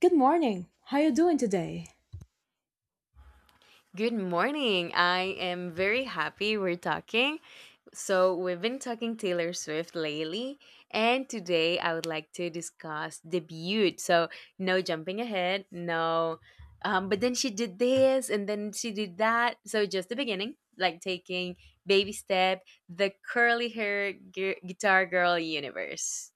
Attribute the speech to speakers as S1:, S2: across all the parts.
S1: Good morning. How you doing today?
S2: Good morning. I am very happy we're talking. So, we've been talking Taylor Swift lately, and today I would like to discuss debut. So, no jumping ahead, no. But then she did this and then she did that. So, just the beginning, like taking baby step, the curly hair guitar girl universe.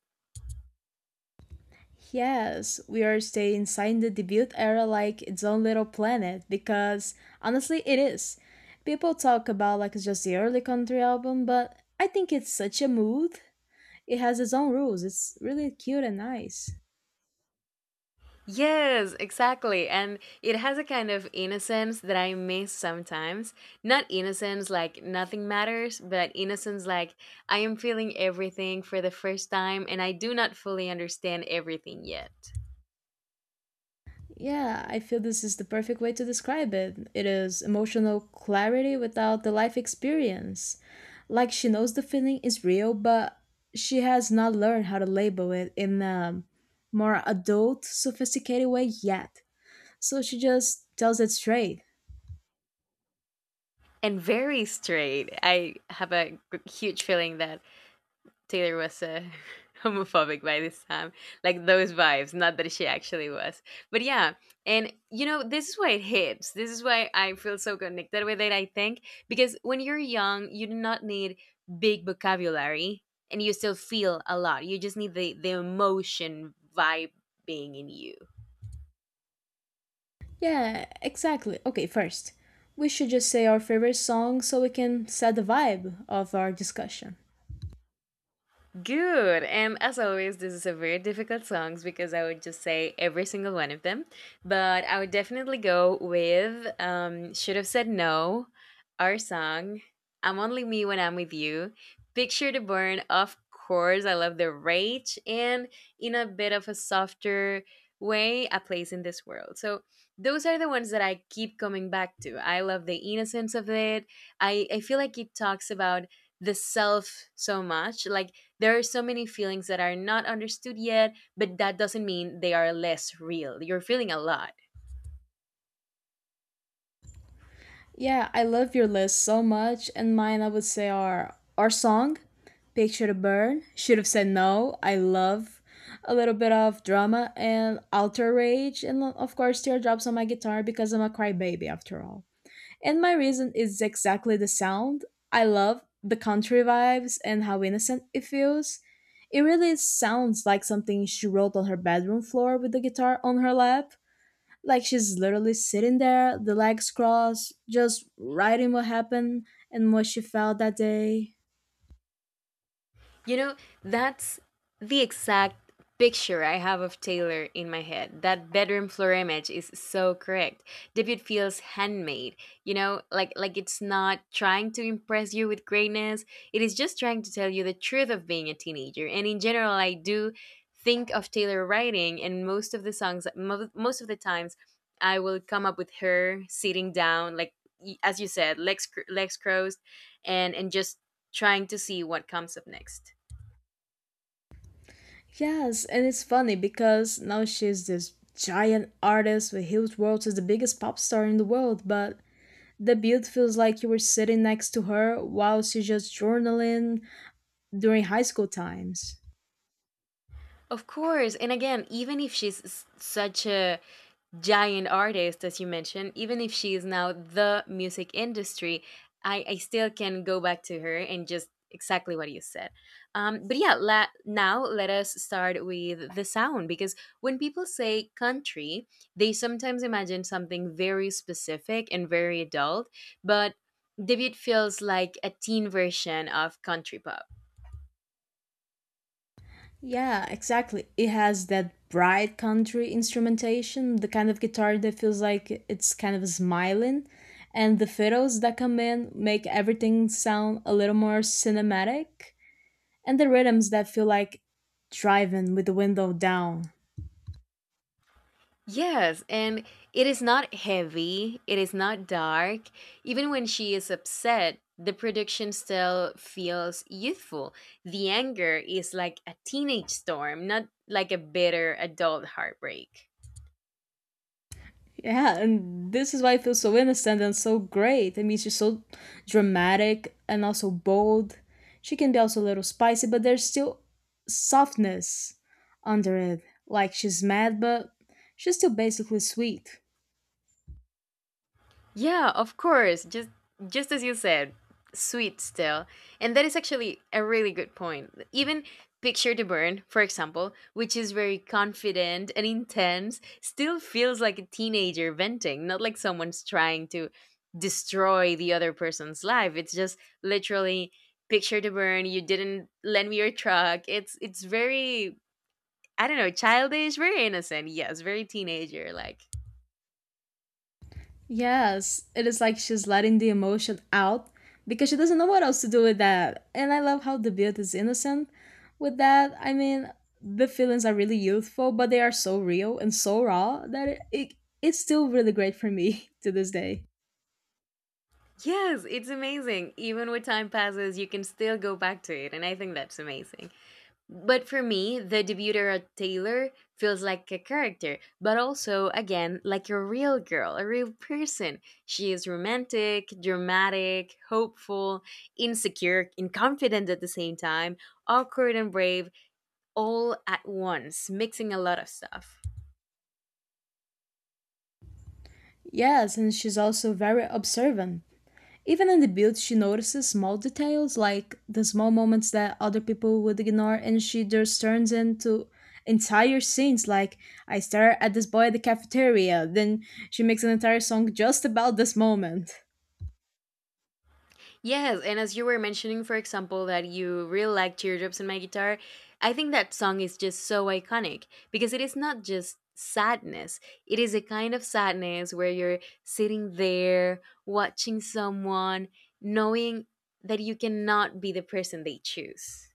S1: Yes, we are staying inside the debut era like its own little planet because honestly it is. People talk about like it's just the early country album, but I think it's such a mood. It has its own rules. It's really cute and nice.
S2: Yes, exactly. And it has a kind of innocence that I miss sometimes. Not innocence like nothing matters, but innocence like I am feeling everything for the first time and I do not fully understand everything yet.
S1: Yeah, I feel this is the perfect way to describe it. It is emotional clarity without the life experience. Like she knows the feeling is real, but she has not learned how to label it in a more adult, sophisticated way yet. So she just tells it straight.
S2: And very straight. I have a huge feeling that Taylor was homophobic by this time, like those vibes. Not that she actually was, but yeah. And you know, this is why it hits. This is why I feel so connected with it. I think because when you're young, you do not need big vocabulary, and you still feel a lot. You just need the emotion vibe being in you.
S1: Yeah, exactly. Okay, first, we should just say our favorite song so we can set the vibe of our discussion.
S2: Good. And as always, this is a very difficult songs because I would just say every single one of them. But I would definitely go with Should Have Said No, Our Song, I'm Only Me When I'm With You, Picture the Burn, of course. I love the rage. And in a bit of a softer way, A Place in This World. So those are the ones that I keep coming back to. I love the innocence of it. I feel like it talks about the self so much. Like, there are so many feelings that are not understood yet, but that doesn't mean they are less real. You're feeling a lot.
S1: Yeah, I love your list so much, and mine I would say are our song, Picture to Burn, Should Have Said No, I love a little bit of drama and alter rage, and of course Teardrops on My Guitar because I'm a crybaby after all. And my reason is exactly the sound. I love the country vibes and how innocent it feels. It really sounds like something she wrote on her bedroom floor with the guitar on her lap. Like she's literally sitting there, the legs crossed, just writing what happened and what she felt that day.
S2: You know, that's the exact picture I have of Taylor in my head. That bedroom floor image is so correct. Debut feels handmade. You know, like it's not trying to impress you with greatness. It is just trying to tell you the truth of being a teenager. And in general, I do think of Taylor writing and most of the songs most of the times I will come up with her sitting down like as you said, legs crossed and just trying to see what comes up next.
S1: Yes, and it's funny because now she's this giant artist with huge world as the biggest pop star in the world, but the build feels like you were sitting next to her while she's just journaling during high school times.
S2: Of course. And again, even if she's such a giant artist, as you mentioned, even if she is now the music industry, I still can go back to her and just exactly what you said. But yeah, now let us start with the sound because when people say country, they sometimes imagine something very specific and very adult, but David feels like a teen version of country pop.
S1: Yeah, exactly. It has that bright country instrumentation, the kind of guitar that feels like it's kind of smiling, and the fiddles that come in make everything sound a little more cinematic, and the rhythms that feel like driving with the window down.
S2: Yes, and it is not heavy, it is not dark. Even when she is upset, the production still feels youthful. The anger is like a teenage storm, not like a bitter adult heartbreak.
S1: Yeah, and this is why it feels so innocent and so great. I mean, she's so dramatic and also bold. She can be also a little spicy, but there's still softness under it. Like she's mad, but she's still basically sweet.
S2: Yeah, of course. Just as you said, sweet still. And that is actually a really good point. Even Picture to Burn, for example, which is very confident and intense, still feels like a teenager venting, not like someone's trying to destroy the other person's life. It's just literally Picture to Burn, you didn't lend me your truck. It's very I don't know, childish, very innocent. Yes, very teenager like.
S1: Yes, it is like she's letting the emotion out because she doesn't know what else to do with that. And I love how the build is innocent with that. I mean, the feelings are really youthful, but they are so real and so raw that it it's still really great for me to this day.
S2: Yes, it's amazing. Even with time passes, you can still go back to it, and I think that's amazing. But for me, the debuter Taylor feels like a character, but also, again, like a real girl, a real person. She is romantic, dramatic, hopeful, insecure, and confident at the same time, awkward and brave, all at once, mixing a lot of stuff.
S1: Yes, and she's also very observant. Even in the build, she notices small details like the small moments that other people would ignore, and she just turns into entire scenes. Like, I stare at this boy at the cafeteria, then she makes an entire song just about this moment.
S2: Yes, and as you were mentioning, for example, that you really like Teardrops in My Guitar, I think that song is just so iconic because it is not just sadness, it is a kind of sadness where you're sitting there watching someone, knowing that you cannot be the person they choose.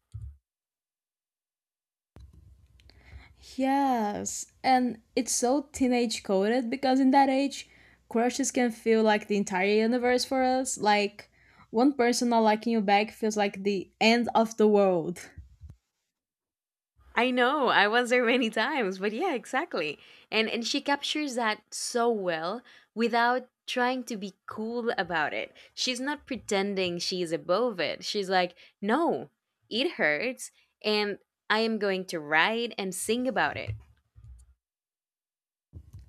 S1: Yes, and it's so teenage coded because in that age, crushes can feel like the entire universe for us. Like, one person not liking you back feels like the end of the world.
S2: I know. I was there many times, but yeah, exactly. And she captures that so well without trying to be cool about it. She's not pretending she's above it. She's like, "No, it hurts and I am going to write and sing about it."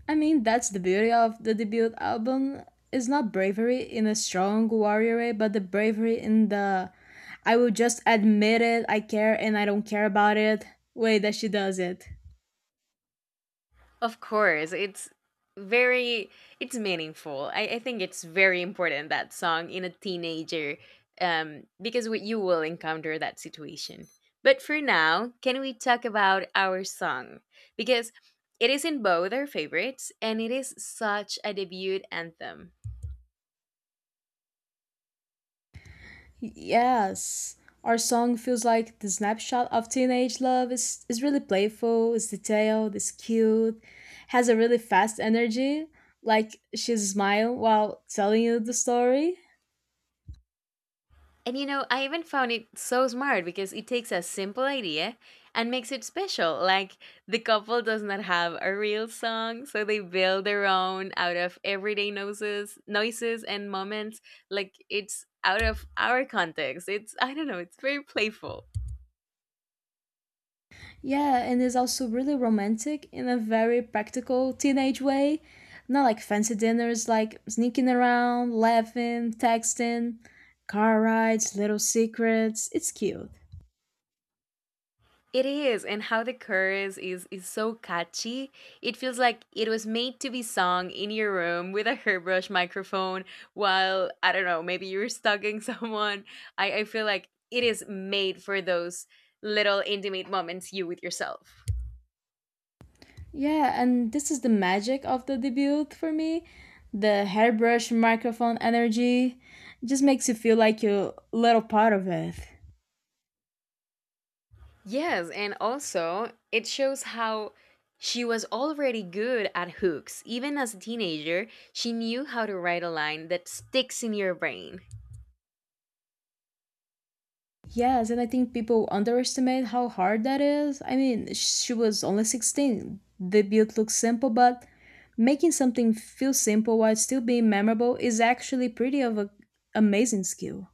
S1: I mean, that's the beauty of the debut album. It's not bravery in a strong warrior way, but the bravery in the I will just admit it, I care and I don't care about it way that she does it.
S2: Of course, it's very it's meaningful. I think it's very important that song in a teenager, because we, you will encounter that situation. But for now, can we talk about Our Song? Because it is in both our favorites, and it is such a debut anthem.
S1: Yes. Our song feels like the snapshot of teenage love. It's really playful, it's detailed, it's cute, has a really fast energy. Like she's smiling while telling you the story.
S2: And you know, I even found it so smart because it takes a simple idea and makes it special. Like the couple does not have a real song, so they build their own out of everyday noises, noises and moments. Like it's out of our context. It's I don't know, it's very playful.
S1: Yeah, and it's also really romantic in a very practical teenage way. Not like fancy dinners, like sneaking around, laughing, texting, car rides, little secrets. It's cute.
S2: It is, and how the chorus is so catchy. It feels like it was made to be sung in your room with a hairbrush microphone while I don't know, maybe you're stalking someone. I feel like it is made for those little intimate moments you with yourself.
S1: Yeah, and this is the magic of the debut for me. The hairbrush microphone energy just makes you feel like you're a little part of it.
S2: Yes, and also it shows how she was already good at hooks. Even as a teenager, she knew how to write a line that sticks in your brain.
S1: Yes, and I think people underestimate how hard that is. I mean, she was only 16. The build looks simple, but making something feel simple while still being memorable is actually pretty of a amazing skill.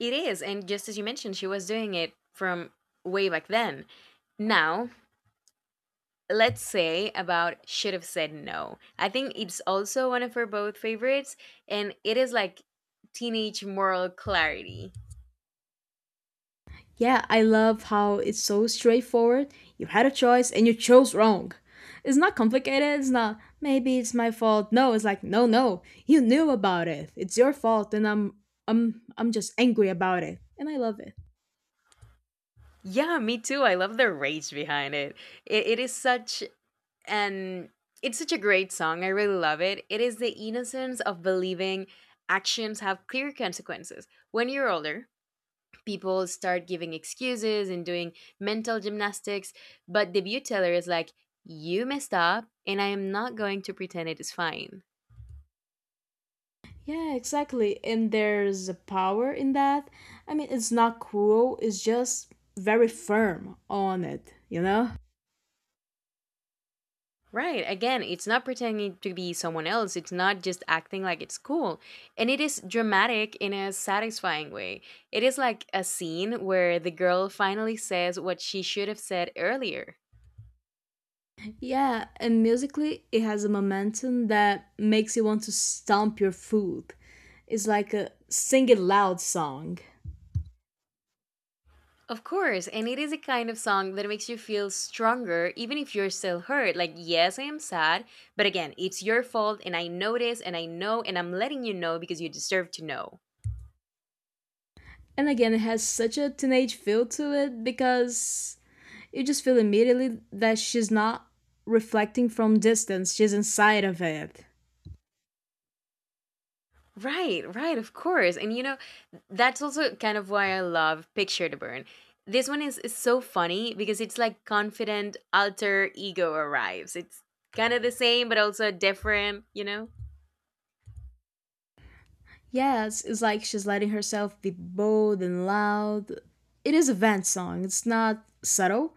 S2: It is, and just as you mentioned, she was doing it from way back then. Now, let's say about Should Have Said No. I think it's also one of her both favorites, and it is like teenage moral clarity.
S1: Yeah, I love how it's so straightforward. You had a choice and you chose wrong. It's not complicated. It's not maybe it's my fault. No, it's like no, no. You knew about it. It's your fault and I'm just angry about it. And I love it.
S2: Yeah, me too. I love the rage behind it. It is such an it's such a great song. I really love it. It is the innocence of believing actions have clear consequences. When you're older, people start giving excuses and doing mental gymnastics, but the view teller is like, you messed up and I am not going to pretend it is fine.
S1: Yeah, exactly. And there's a power in that. I mean, it's not cruel, it's just very firm on it, you know?
S2: Right, again, it's not pretending to be someone else, it's not just acting like it's cool, and it is dramatic in a satisfying way. It is like a scene where the girl finally says what she should have said earlier.
S1: Yeah, and musically, it has a momentum that makes you want to stomp your foot. It's like a sing it loud song.
S2: Of course, and it is a kind of song that makes you feel stronger even if you're still hurt. Like, yes, I am sad, but again, it's your fault, and I know this, and I know, and I'm letting you know because you deserve to know.
S1: And again, it has such a teenage feel to it because you just feel immediately that she's not reflecting from distance, she's inside of it.
S2: Right, right, of course. And you know, that's also kind of why I love Picture to Burn. This one is so funny because it's like confident alter ego arrives. It's kind of the same, but also different, you know?
S1: Yes, it's like she's letting herself be bold and loud. It is a vent song. It's not subtle,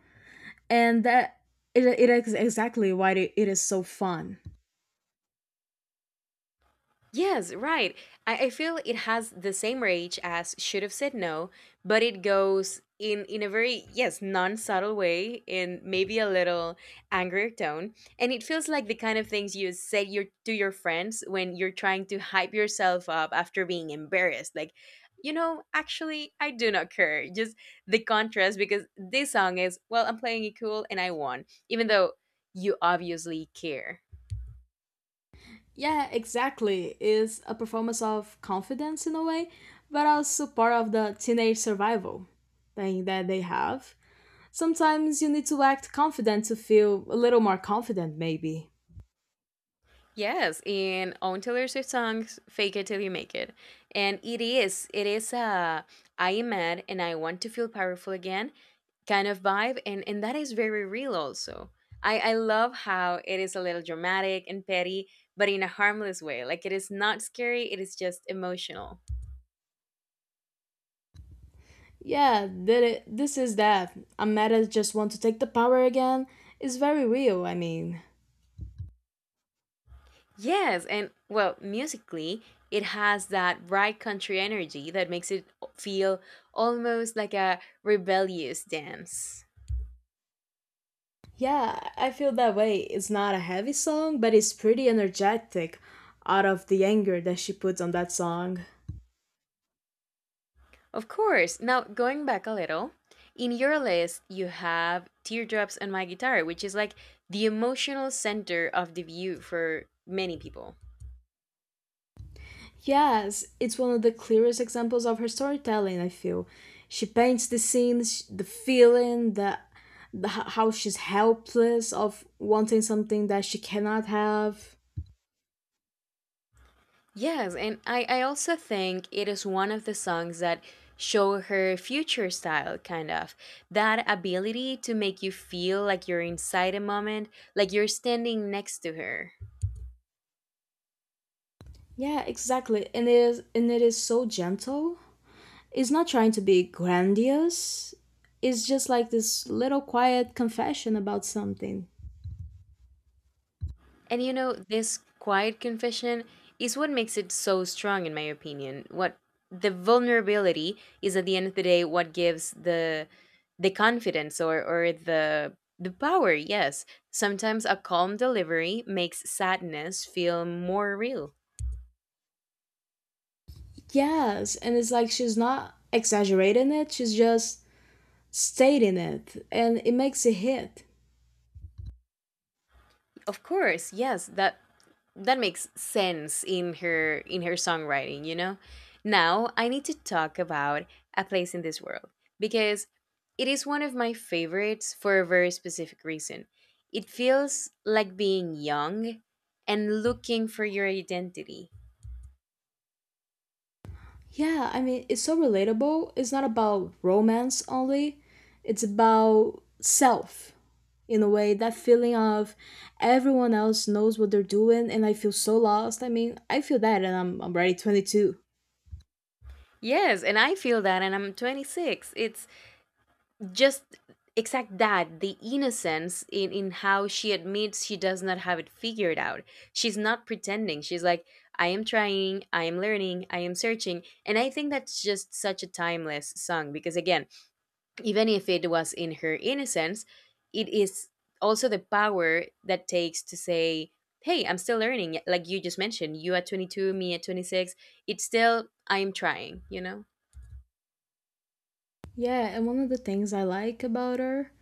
S1: and that it is exactly why it is so fun.
S2: Yes, right. I feel it has the same rage as Should Have Said No, but it goes in a very yes non subtle way, in maybe a little angrier tone, and it feels like the kind of things you say your to your friends when you're trying to hype yourself up after being embarrassed, like. You know, actually, I do not care. Just the contrast, because this song is, well, I'm playing it cool and I won, even though you obviously care.
S1: Yeah, exactly. It's a performance of confidence in a way, but also part of the teenage survival thing that they have. Sometimes you need to act confident to feel a little more confident, maybe.
S2: Yes, in on Taylor Swift songs, "Fake It Till You Make It," and it is a I am mad and I want to feel powerful again kind of vibe, and that is very real also. I love how it is a little dramatic and petty, but in a harmless way. Like it is not scary; it is just emotional.
S1: Yeah, this is that. I'm mad I just want to take the power again. It's very real, I mean.
S2: Yes, and well, musically, it has that bright country energy that makes it feel almost like a rebellious dance.
S1: Yeah, I feel that way. It's not a heavy song, but it's pretty energetic out of the anger that she puts on that song.
S2: Of course. Now, going back a little, in your list, you have Teardrops on My Guitar, which is like the emotional center of the view for many people.
S1: Yes, it's one of the clearest examples of her storytelling, I feel. She paints the scenes, the feeling, how she's helpless of wanting something that she cannot have.
S2: Yes, and I also think it is one of the songs that show her future style, kind of. That ability to make you feel like you're inside a moment, like you're standing next to her.
S1: Yeah, exactly. And it is so gentle. It's not trying to be grandiose. It's just like this little quiet confession about something.
S2: And you know, this quiet confession is what makes it so strong, in my opinion. What the vulnerability is at the end of the day, what gives the confidence or the power. Yes, sometimes a calm delivery makes sadness feel more real.
S1: Yes, and it's like she's not exaggerating it, she's just stating it, and it makes a hit.
S2: Of course, yes, that makes sense in her songwriting. Now I need to talk about A Place in This World, because it is one of my favorites for a very specific reason. It feels like being young and looking for your identity.
S1: Yeah, I mean, it's so relatable. It's not about romance only, it's about self in a way. That feeling of everyone else knows what they're doing, and I feel so lost. I mean, I feel that, and I'm already 22.
S2: Yes, and I feel that, and I'm 26. It's just exact, that the innocence in how she admits she does not have it figured out. She's not pretending. She's like, I am trying, I am learning, I am searching. And I think that's just such a timeless song because, again, even if it was in her innocence, it is also the power that takes to say, hey, I'm still learning. Like you just mentioned, you at 22, me at 26, it's still I am trying,
S1: Yeah, and one of the things I like about her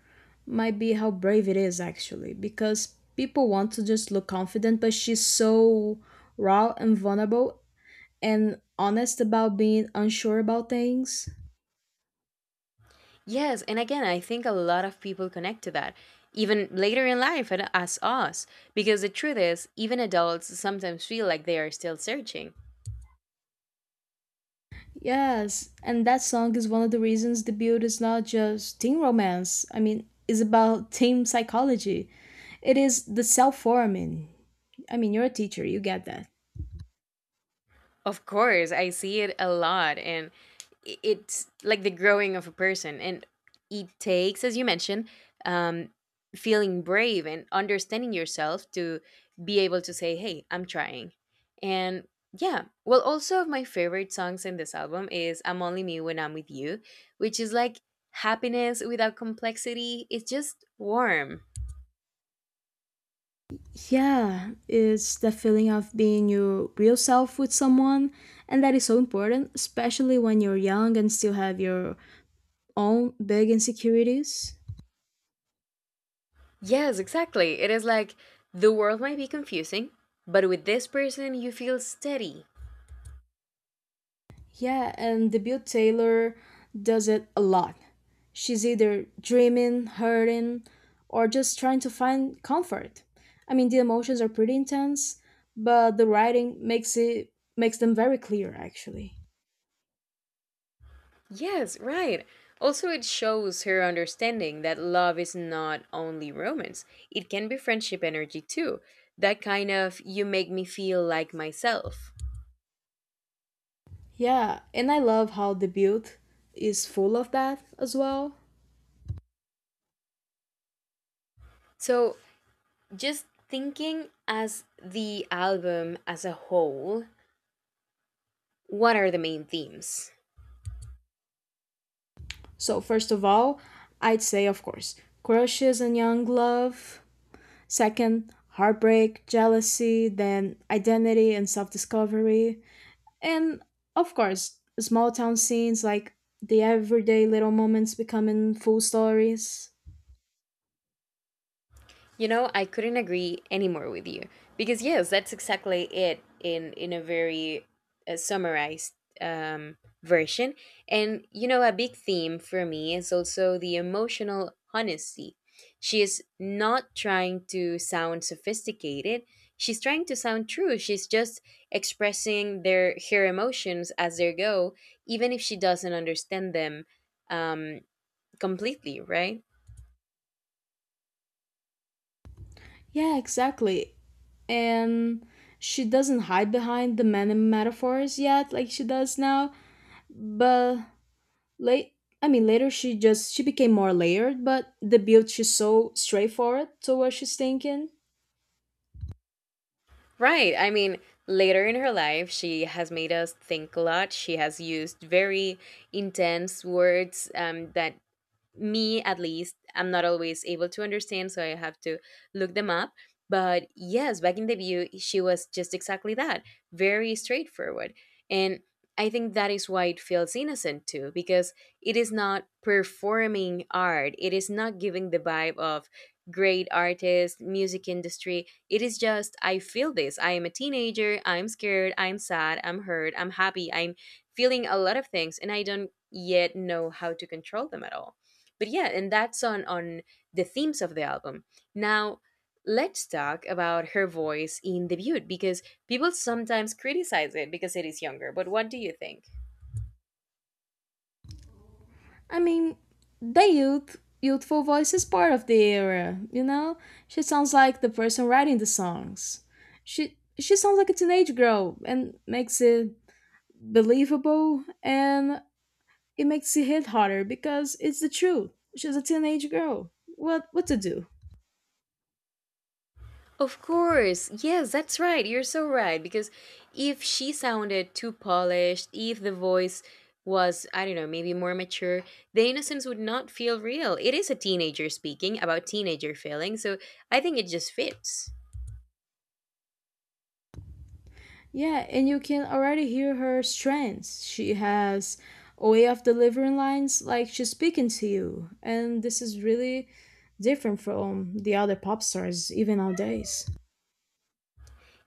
S1: might be how brave it is actually, because people want to just look confident, but she's so raw and vulnerable and honest about being unsure about things.
S2: Yes, and again, I think a lot of people connect to that even later in life and as us, because the truth is, even adults sometimes feel like they are still searching.
S1: Yes, and that song is one of the reasons the build is not just teen romance. I mean, it's about teen psychology. It is the self-forming. I mean, you're a teacher, you get that.
S2: Of course, I see it a lot, and it's like the growing of a person. And it takes, as you mentioned, um feeling brave and understanding yourself to be able to say, hey, I'm trying. And yeah, well, also of my favorite songs in this album is I'm Only Me When I'm With You, which is like happiness without complexity. It's just warm.
S1: Yeah, it's the feeling of being your real self with someone, and that is so important, especially when you're young and still have your own big insecurities.
S2: Yes, exactly. It is like the world might be confusing, but with this person you feel steady.
S1: Yeah, and Debut Taylor does it a lot. She's either dreaming, hurting, or just trying to find comfort. I mean, the emotions are pretty intense, but the writing makes it makes them very clear actually.
S2: Yes, right. Also, it shows her understanding that love is not only romance, it can be friendship energy too. That kind of you make me feel like myself.
S1: Yeah, and I love how Debut is full of that as well.
S2: So, just thinking as the album as a whole, what are the main themes?
S1: So, first of all, I'd say, of course, crushes and young love. Second, heartbreak, jealousy, then identity and self discovery. And, of course, small town scenes like the everyday little moments becoming full stories.
S2: You know, I couldn't agree any more with you, because yes, that's exactly it, in a very summarized um, version. And you know, a big theme for me is also the emotional honesty. She is not trying to sound sophisticated. She's trying to sound true. She's just expressing their her emotions as they go, even if she doesn't understand them um, completely, right?
S1: Yeah, exactly. And she doesn't hide behind the many metaphors yet like she does now, but late I mean later she just she became more layered but the build she's so straightforward to what she's thinking.
S2: Right. I mean, later in her life, she has made us think a lot. She has used very intense words, that me, at least, I'm not always able to understand, so I have to look them up. But yes, back in the view she was just exactly that, very straightforward. And I think that is why it feels innocent too, because it is not performing art, it is not giving the vibe of great artist music industry. It is just, I feel this, I am a teenager, I'm scared, I'm sad, I'm hurt, I'm happy, I'm feeling a lot of things, and I don't yet know how to control them at all. But yeah, and that's on the themes of the album. Now let's talk about her voice in debut, because people sometimes criticize it because it is younger, but what do you think?
S1: I mean the youthful voice is part of the era, you know. She sounds like the person writing the songs. She sounds like a teenage girl and makes it believable, and it makes it hit harder because it's the truth. She's a teenage girl, what to do.
S2: Of course, yes, that's right, you're so right, because if she sounded too polished, if the voice was, I don't know, maybe more mature, the innocence would not feel real. It is a teenager speaking about teenager feelings, so I think it just fits.
S1: Yeah, and you can already hear her strength. She has a way of delivering lines like she's speaking to you, and this is really different from the other pop stars, even nowadays.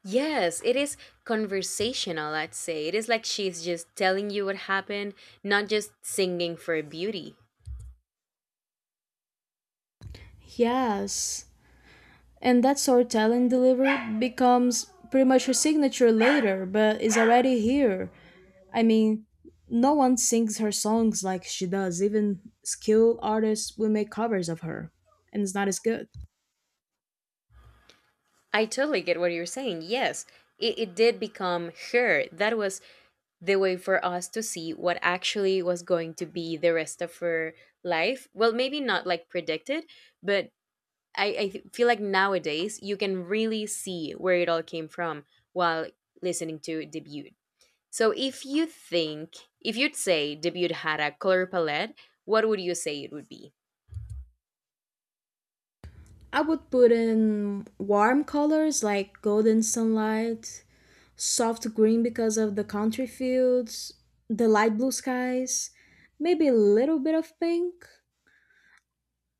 S2: Yes, it is conversational, I'd say. It is like she's just telling you what happened, not just singing for beauty.
S1: Yes, and that storytelling delivery becomes pretty much her signature later, but is already here. I mean, no one sings her songs like she does, even skilled artists will make covers of her, and it's not as good.
S2: I totally get what you're saying. Yes, it did become her. That was the way for us to see what actually was going to be the rest of her life. Well, maybe not like predicted, but I feel like nowadays you can really see where it all came from while listening to debut. So if you think, if you'd say debut had a color palette, what would you say it would be?
S1: I would put in warm colors like golden sunlight, soft green because of the country fields, the light blue skies, maybe a little bit of pink.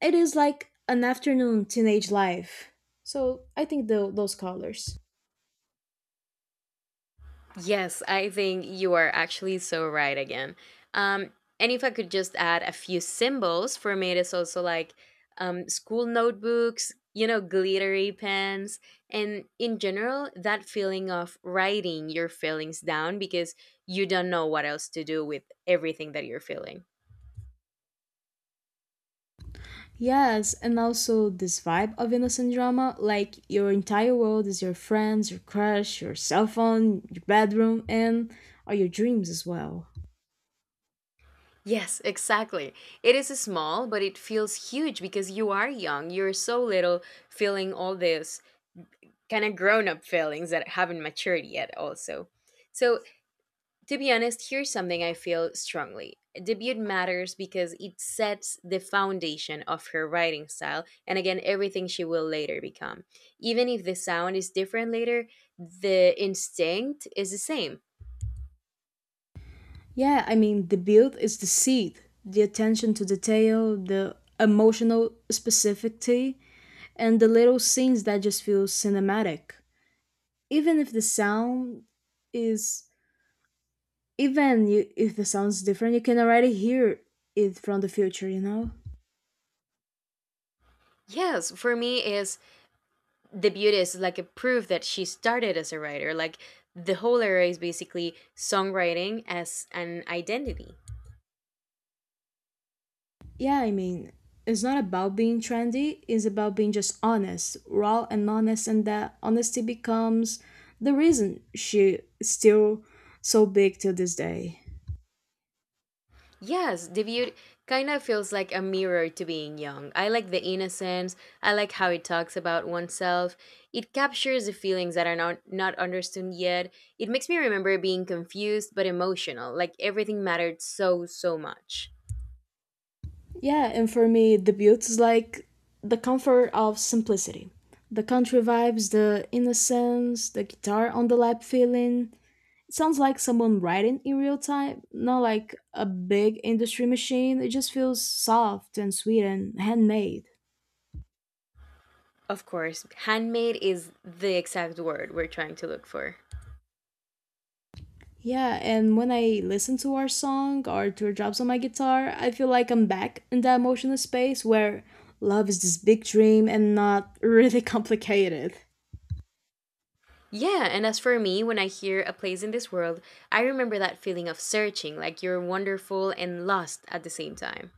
S1: It is like an afternoon teenage life. So I think those colors.
S2: Yes, I think you are actually so right again. Um, and if I could just add a few symbols, for me, it's also like, school notebooks, you know, glittery pens, and in general, that feeling of writing your feelings down because you don't know what else to do with everything that you're feeling.
S1: Yes, and also this vibe of innocent drama like your entire world is your friends, your crush, your cell phone, your bedroom, and all your dreams as well.
S2: Yes, exactly. It is small, but it feels huge because you are young. You're so little, feeling all this kind of grown up feelings that haven't matured yet, also. So, to be honest, here's something I feel strongly. Debut matters because it sets the foundation of her writing style, and again, everything she will later become. Even if the sound is different later, the instinct is the same.
S1: Yeah, I mean, the build is the seed, the attention to detail, the emotional specificity, and the little scenes that just feel cinematic. Even if the sound is, even you, if the sound's different, you can already hear it from the future, you know?
S2: Yes, for me, is the beauty is like a proof that she started as a writer. Like the whole era is basically songwriting as an identity.
S1: Yeah, I mean, it's not about being trendy, it's about being just honest, raw and honest, and that honesty becomes the reason she's still so big till this day.
S2: Yes, the beauty kind of feels like a mirror to being young. I like the innocence, I like how it talks about oneself. It captures the feelings that are not understood yet. It makes me remember being confused but emotional, like everything mattered so so much.
S1: Yeah, and for me, the beauty is like the comfort of simplicity. The country vibes, the innocence, the guitar on the lap feeling. It sounds like someone writing in real time, not like a big industry machine. It just feels soft and sweet and handmade.
S2: Of course, handmade is the exact word we're trying to look for.
S1: Yeah, and when I listen to our song or to drops on my guitar, I feel like I'm back in that emotional space where love is this big dream and not really complicated.
S2: Yeah, and as for me, when I hear A Place in This World, I remember that feeling of searching, like you're wonderful and lost at the same time.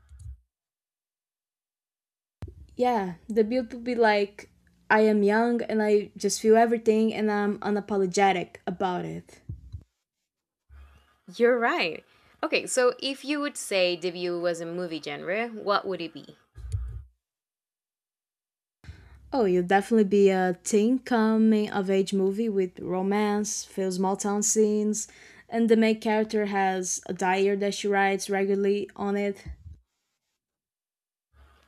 S1: Yeah, the build would be like I am young and I just feel everything and I'm unapologetic about it.
S2: You're right. Okay, so if you would say debut was a movie genre, what would it be?
S1: Oh, you'll definitely be a teen coming of age movie with romance, few small town scenes, and the main character has a diary that she writes regularly on it.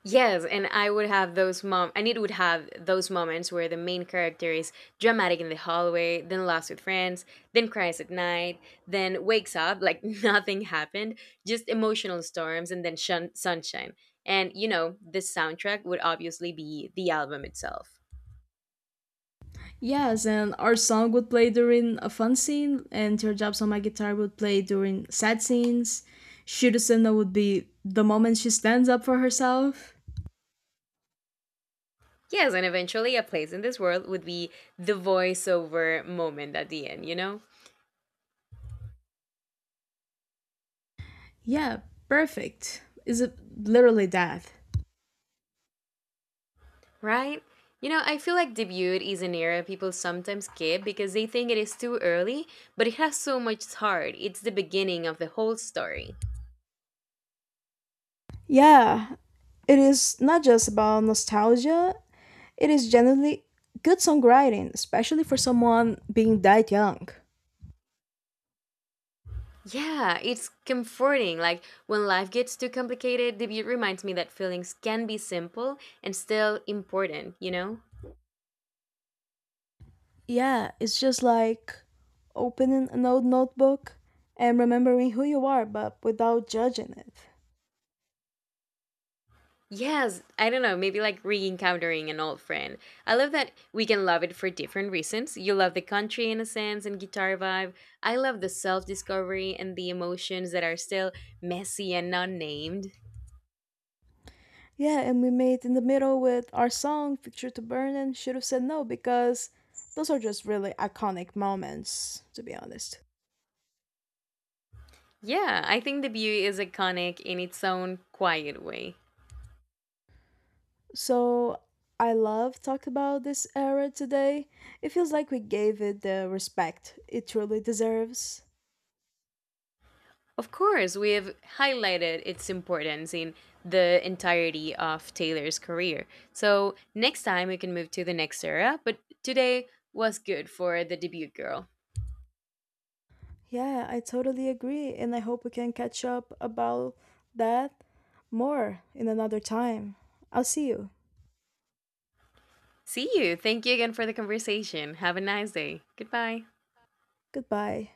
S2: Yes, and I would have those mom, and it would have those moments where the main character is dramatic in the hallway, then laughs with friends, then cries at night, then wakes up like nothing happened, just emotional storms and then sunshine. And you know, the soundtrack would obviously be the album itself.
S1: Yes, and our song would play during a fun scene, and Teardrops on My Guitar would play during sad scenes. Shirusena would be the moment she stands up for herself.
S2: Yes, and eventually A Place in This World would be the voiceover moment at the end, you know?
S1: Yeah, perfect. Is it literally that?
S2: Right? You know, I feel like debut is an era people sometimes skip because they think it is too early, but it has so much heart. It's the beginning of the whole story.
S1: Yeah, it is not just about nostalgia, it is generally good songwriting, especially for someone being that young.
S2: Yeah, it's comforting. Like when life gets too complicated, debut reminds me that feelings can be simple and still important, you know?
S1: Yeah, it's just like opening an old notebook and remembering who you are, but without judging it.
S2: Yes, I don't know, maybe like re encountering an old friend. I love that we can love it for different reasons. You love the country innocence and guitar vibe. I love the self discovery and the emotions that are still messy and not named.
S1: Yeah, and we made in the middle with our song "Picture to Burn" and should have said no because those are just really iconic moments, to be honest.
S2: Yeah, I think the beauty is iconic in its own quiet way.
S1: So I love talked about this era today. It feels like we gave it the respect it truly deserves.
S2: Of course, we have highlighted its importance in the entirety of Taylor's career. So next time we can move to the next era, but today was good for the debut girl.
S1: Yeah, I totally agree, and I hope we can catch up about that more in another time. I'll see you.
S2: See you. Thank you again for the conversation. Have a nice day. Goodbye.
S1: Goodbye.